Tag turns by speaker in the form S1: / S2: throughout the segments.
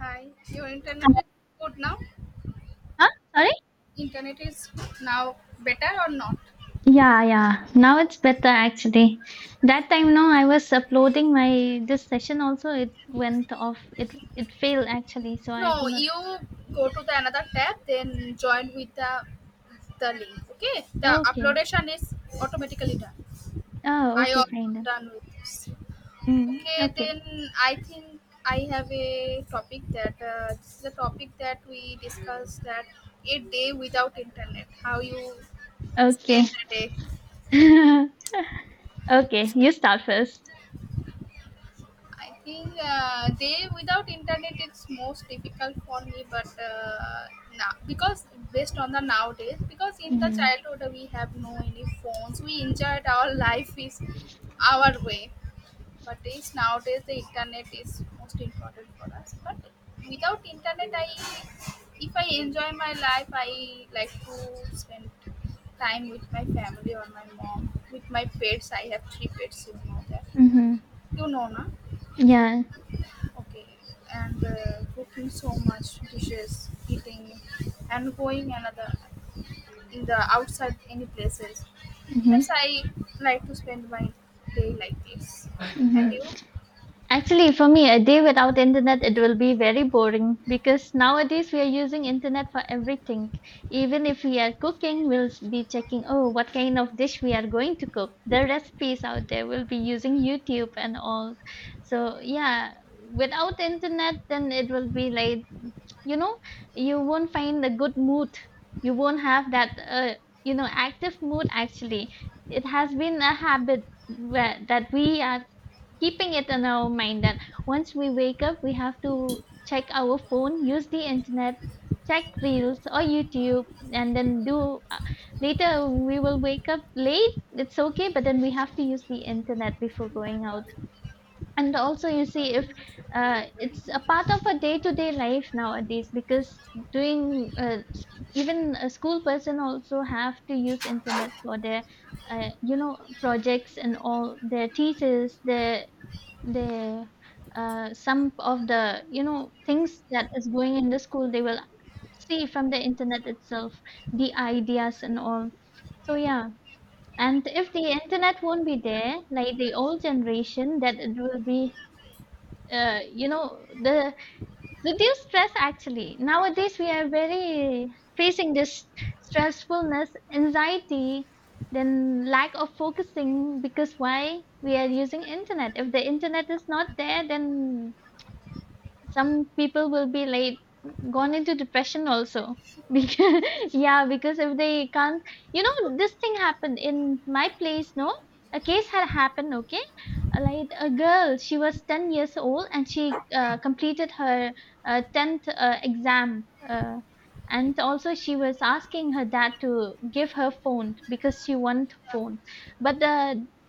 S1: Hi, your internet is good now?
S2: Huh? Sorry?
S1: Internet is now better or not?
S2: Yeah, yeah. Now it's better actually. That time, no, I was uploading my this session also. It went off. It failed actually, so I
S1: No,
S2: could not.
S1: you go to the another tab, then join with the link. Okay, the
S2: Oh, Okay.
S1: uploadation is automatically done.
S2: Oh,
S1: I
S2: okay,
S1: also
S2: fine then.
S1: done with this.
S2: Mm,
S1: Okay,
S2: okay,
S1: then I think I have a topic that this is a topic that we discussed that a day without internet. How you
S2: okay,
S1: spend the day?
S2: okay. You start 1st.
S1: I think they without internet it's most difficult for me, but now because based on the nowadays, because in the
S2: Mm-hmm.
S1: childhood we have no any phones, we enjoyed our life is our way, but it's nowadays the internet is most important for us. But without internet, I if I enjoy my life, I like to spend time with my family or my mom, with my pets. I have three pets, you know that,
S2: Mm-hmm.
S1: you know, na.
S2: Yeah.
S1: Okay, and cooking so much dishes, eating, and going another in the outside any places. Yes,
S2: Mm-hmm.
S1: I like to spend my day like this. And
S2: Mm-hmm.
S1: you,
S2: Actually, for me, a day without internet, it will be very boring because nowadays we are using internet for everything. Even if we are cooking, we'll be checking, oh, what kind of dish we are going to cook. The recipes out there will be using YouTube and all. So, yeah, without internet, then it will be like, you know, you won't find a good mood. You won't have that, active mood actually. It has been a habit where, that we are keeping it in our mind that once we wake up, we have to check our phone, use the internet, check reels or YouTube, and then do. Later, we will wake up late. It's okay, but then we have to use the internet before going out. And also, you see, if it's a part of a day-to-day life nowadays, because doing uh, s- even a school person also have to use internet for their projects and all their thesis, their they some of the, things that is going in the school. They will see from the internet itself, the ideas and all. So yeah, and if the internet won't be there, like the old generation, that it will be, the reduce stress actually, nowadays we are very facing this stressfulness, anxiety, then lack of focusing because why we are using internet. If the internet is not there, then some people will be like gone into depression also because yeah, because if they can't, this thing happened in my place, no, a case had happened. Okay. Like, a girl, she was 10 years old, and she completed her 10th exam, uh, and also she was asking her dad to give her phone because she wanted phone, but the,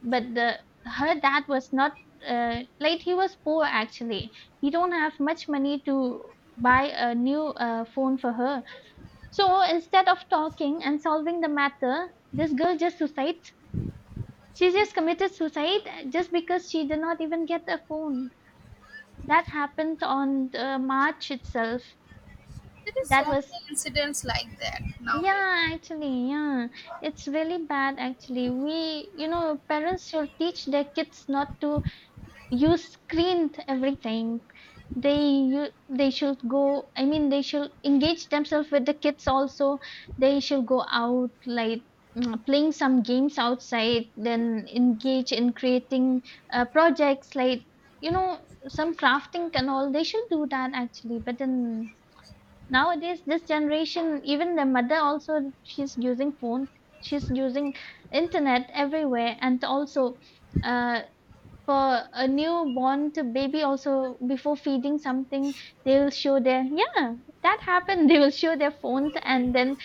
S2: but the her dad was not, uh, like, he was poor actually. He don't have much money to buy a new phone for her. So instead of talking and solving the matter, this girl just suicides. She just committed suicide, just because she did not even get a phone. That happened on the March itself.
S1: there is so
S2: That was,
S1: many incidents like that nowadays.
S2: yeah, actually, yeah, it's really bad actually. We, parents should teach their kids not to, you screened everything, they you they should go. I mean, they should engage themselves with the kids also. They should go out, like, playing some games outside, then engage in creating projects, like, you know some crafting and all. They should do that actually, but then nowadays, this generation, even the mother also, she's using phone. She's using internet everywhere. And also, uh, for a newborn to baby also, before feeding something, they will show their yeah, that happened they will show their phone and then,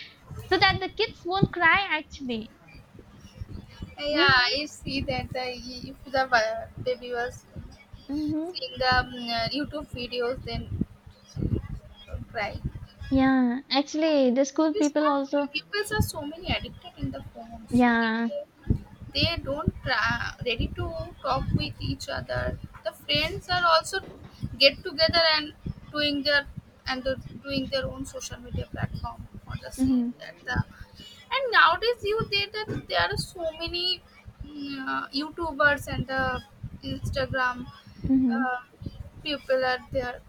S2: so that the kids won't cry actually.
S1: Yeah,
S2: Hmm
S1: I see that the, if the baby was seeing
S2: hmm
S1: the YouTube videos, then cry.
S2: yeah, actually, the school
S1: It's
S2: people
S1: that
S2: also.
S1: people are so many addicted in the phones.
S2: Yeah
S1: They don't ready to talk with each other. The friends are also get together and doing their and the, doing their own social media platform or the same
S2: hmm
S1: that the and nowadays you there that there are so many YouTubers and the Instagram.
S2: hmm
S1: Uh, people are there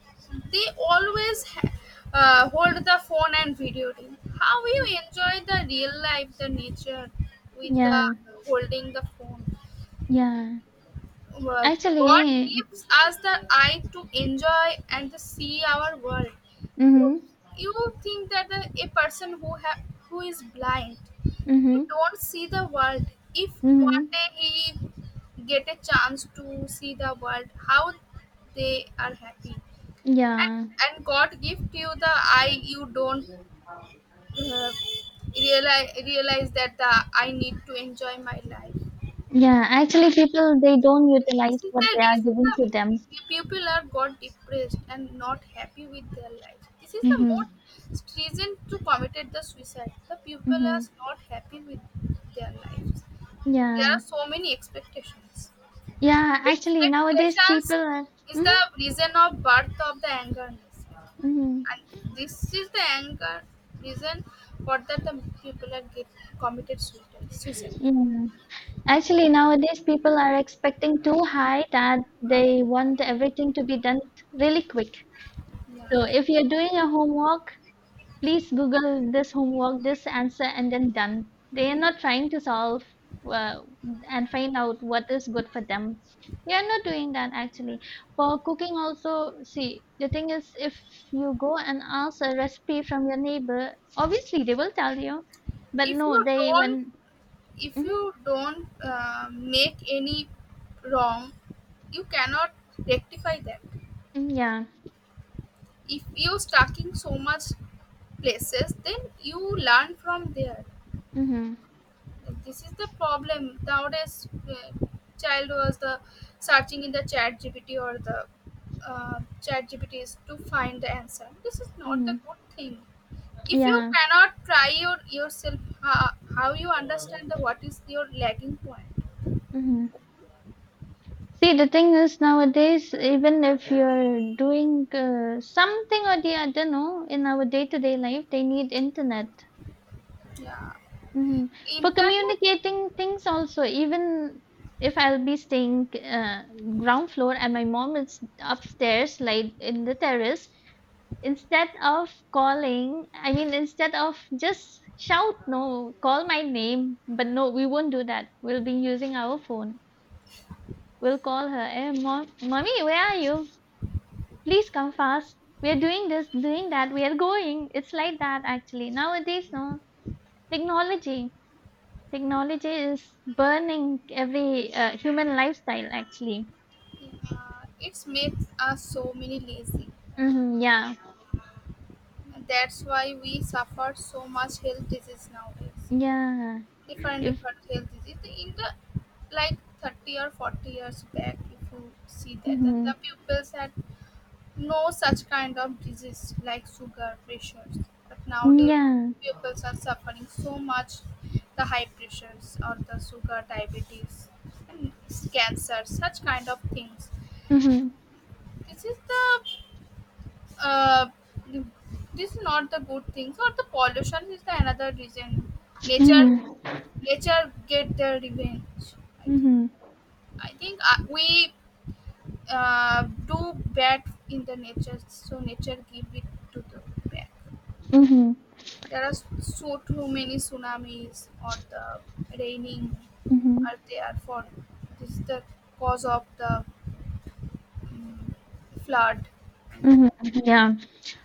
S1: they always hold the phone and videoing how you enjoy the real life the nature with the
S2: yeah
S1: holding the phone.
S2: yeah
S1: Well, god
S2: actually
S1: gives us the eye to enjoy and to see our world you,
S2: hmm
S1: you think that the, a person who who is blind he
S2: hmm
S1: don't see the world if one
S2: hmm
S1: day he get a chance to see the world how they are happy and,
S2: yeah
S1: and god gift you the eye you don't uh, realize that the I need to enjoy my life.
S2: yeah actually people they don't
S1: This
S2: utilize
S1: is
S2: what
S1: the
S2: they are
S1: reason
S2: giving to them.
S1: the people are got depressed and not happy with their life. This is the
S2: Hmm
S1: most reason to committed the suicide. The people are
S2: hmm
S1: not happy with their lives. There
S2: yeah.
S1: are so many expectations.
S2: Yeah, actually nowadays
S1: Expectations
S2: people are
S1: is
S2: Mhm,
S1: the reason of birth of the angerness.
S2: mhm.
S1: I, this is the anger reason for that the people are get committed suicide. Suicide.
S2: Yeah. Actually nowadays people are expecting too high, that
S1: I,
S2: they want everything to be done really quick. So
S1: yeah.
S2: if you're doing your homework, please google this homework, this answer, and then done. They are not trying to solve uh, and find out what is good for them. They are not doing that actually. For cooking also, see, the thing is, if you go and ask a recipe from your neighbor, obviously they will tell you, but
S1: If
S2: no,
S1: you
S2: they,
S1: don't,
S2: when...
S1: if
S2: hmm
S1: you don't make any wrong, you cannot rectify that.
S2: yeah
S1: If you stuck in so much places, then you learn from there.
S2: hmm
S1: This is the problem nowadays. uh, child was the searching in the chat gpt or the chat gpts to find the answer. This is not the
S2: hmm
S1: good thing. If you
S2: yeah.
S1: cannot try your yourself how you understand the what is your lagging point.
S2: Mhm. See, the thing is nowadays, even if you're doing something or the other, no, in our day-to-day life, they need internet,
S1: Yeah,
S2: hmm for
S1: internet.
S2: communicating things also. Even if I'll be staying ground floor and my mom is upstairs, like in the terrace, instead of calling, I mean, instead of just shout, no, call my name, but no, we won't do that. We'll be using our phone. We'll call her, "Hey, mom, mommy, where are you? Please come fast. We are doing this, doing that. We are going." It's like that actually. Nowadays, no, technology. Technology is burning every human lifestyle actually.
S1: Yeah, it makes us so many lazy I think.
S2: Hmm yeah,
S1: And that's why we suffer so much health disease nowadays.
S2: yeah.
S1: Different
S2: If...
S1: different health disease in the like 30 or 40 years back if you see that, that
S2: hmm
S1: the pupils had no such kind of disease like sugar pressures. But nowadays
S2: yeah.
S1: pupils are suffering so much the high pressures or the sugar diabetes and cancer such kind of things.
S2: hmm
S1: This is the uh, this is not the good things or the pollution is the another reason. Nature,
S2: hmm
S1: nature get their revenge I think.
S2: hmm
S1: I think we do bad in the nature so nature give it to the back.
S2: hmm
S1: There are so too many tsunamis or the raining
S2: hmm
S1: are there for this is the cause of the mm flood I
S2: hmm
S1: think.
S2: yeah.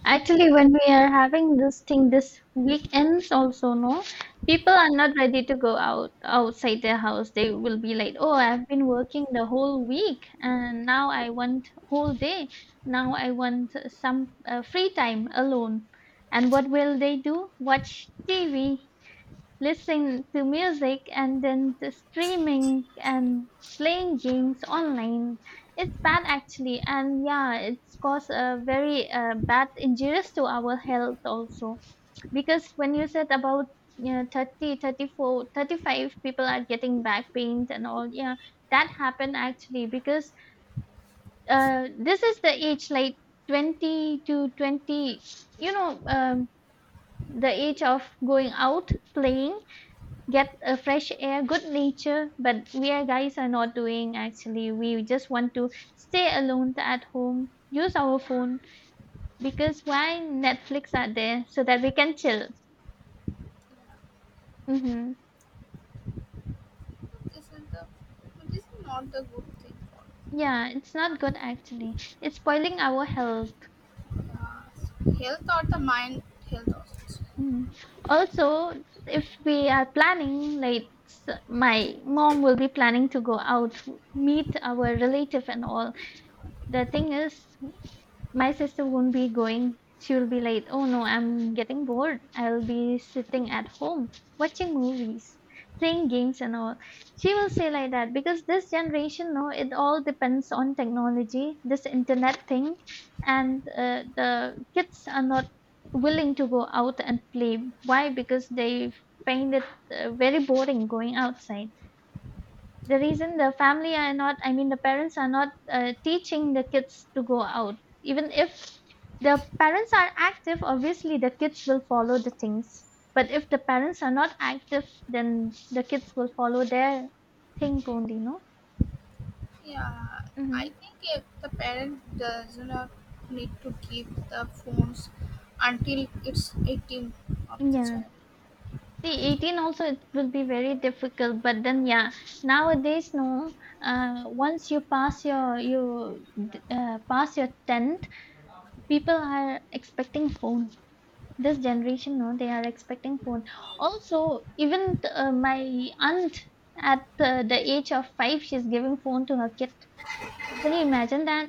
S2: Actually, when we are having this thing, this weekends also, no, people are not ready to go out outside their house. They will be like, "Oh, I've been working the whole week, and now I want whole day. Now I want some free time alone." And what will they do? Watch TV, listen to music, and then the streaming and playing games online. It's bad actually. And yeah, it's caused a very bad injuries to our health also. Because when you said about, 30, 34, 35, people are getting back pains and all. Yeah, that happened actually, because, this is the age, like, 20 to 20, you know um, the age of going out, playing, get a fresh air, good nature. But we are guys are not doing actually. We just want to stay alone at home, use our phone, because why Netflix are there so that we can chill. Mm-hmm.
S1: This is the this is not the good thing for
S2: Yeah, it's not
S1: us.
S2: good actually. It's spoiling our health.
S1: Health or the mind health also.
S2: Mm. Also, if we are planning, like, my mom will be planning to go out, meet our relative and all. The thing is, my sister won't be going. She will be like, "Oh no, I'm getting bored. I'll be sitting at home watching movies, playing games and all." She will say like that, because this generation, no, it all depends on technology, this internet thing, and the kids are not willing to go out and play. Why? Because they find it very boring going outside. The reason the family are not, I mean, the parents are not teaching the kids to go out. Even if the parents are active, obviously the kids will follow the things. But if the parents are not active, then the kids will follow their thing only, no?
S1: Yeah, I
S2: Mm-hmm.
S1: think if the parent does not need to keep the phones until it's 18 of the
S2: Yeah.
S1: child,
S2: See,
S1: I think
S2: 18 also it will be very difficult, but then, yeah, nowadays, no. Once you pass your 10th, people are expecting phone. This generation, no, they are expecting phone also. Even, my aunt, at, the age of 5, she's giving phone to her kid. Can you imagine that?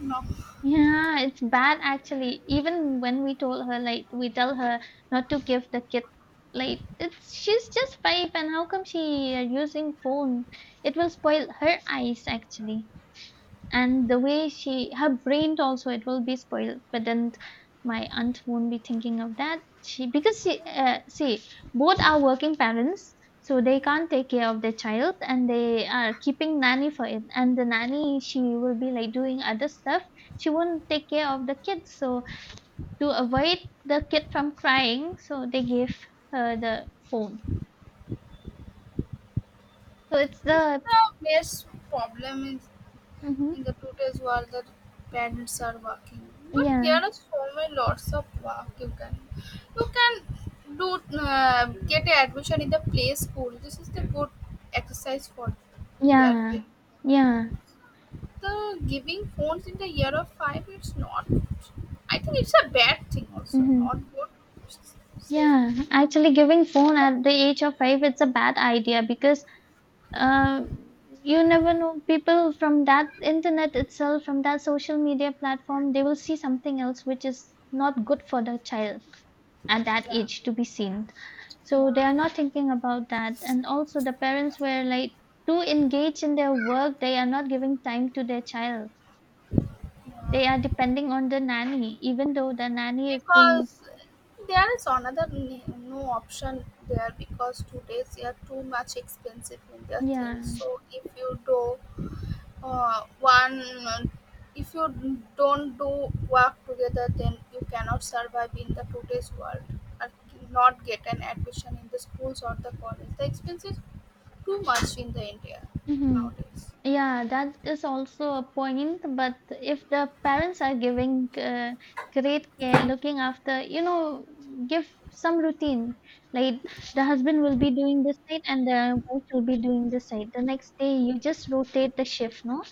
S1: no.
S2: Yeah, it's bad actually. Even when we told her, like, we tell her not to give the kid, like, it's, she's just 5, and how come she using phone? It will spoil her eyes actually. And the way, she her brain also, it will be spoiled. But then my aunt won't be thinking of that, she because she, see, both are working parents. So they can't take care of their child, and they are keeping nanny for it. And the nanny, she will be like doing other stuff. She won't take care of the kids. So to avoid the kid from crying, so they gave her the phone. So it's
S1: It's
S2: the...
S1: the best problem
S2: hmm
S1: in the today's world that parents are working. But there
S2: yeah
S1: are so many lots of work you can do get a admission in the play school. This is the good exercise for their
S2: yeah
S1: brain.
S2: yeah
S1: The giving phones in the year of five it's not I think it's a bad thing also not
S2: hmm.
S1: good. Say,
S2: Yeah, actually, giving phone at the age of 5, it's a bad idea because, uh, you never know, people from that internet itself, from that social media platform, they will see something else which is not good for the child at that
S1: yeah.
S2: age to be seen. So they
S1: Yeah.
S2: are not thinking about that. And also, the parents were, like, too engaged in their work, they are not giving time to their child. They are depending on the nanny, even though the nanny is doing...
S1: Because there is another no option there because today's they are too much expensive in their
S2: yeah
S1: things so if you do one, uh, if you don't do work together, then you cannot survive in the today's world or not get an admission in the schools or the college. The expense is too much in the India
S2: hmm.
S1: nowadays.
S2: Yeah, that is also a point. But if the parents are giving great care, looking after, give some routine. Like, the husband will be doing this side, and the wife will be doing this side. The next day, you just rotate the shift, no?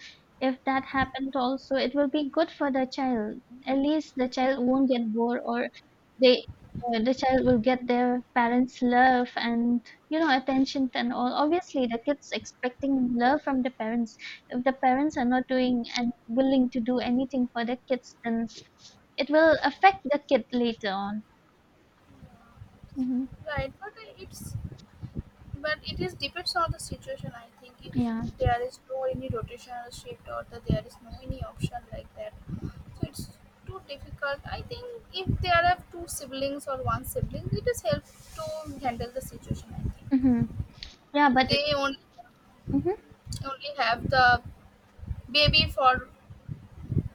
S2: If that happened also, it will be good for the child. At least the child won't get bored, or, they, the child will get their parents' love and, attention and all. Obviously the kids expecting love from the parents. If the parents are not doing and willing to do anything for the kids, then it will affect the kid later on. Mm-hmm.
S1: Right, but it's but it is depends on the situation. I think if
S2: yeah
S1: there is no any rotational shift or that there is no any option like that, so it's too difficult. I think if there are two siblings or one sibling, it is help to handle the situation. I
S2: mm-hmm.
S1: think
S2: Yeah, but it...
S1: they only
S2: mm-hmm.
S1: only have the baby for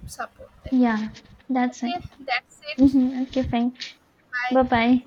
S1: support them.
S2: Yeah, that's it.
S1: Okay, that's it.
S2: Mm-hmm. Okay, fine. Bye
S1: Bye.
S2: bye.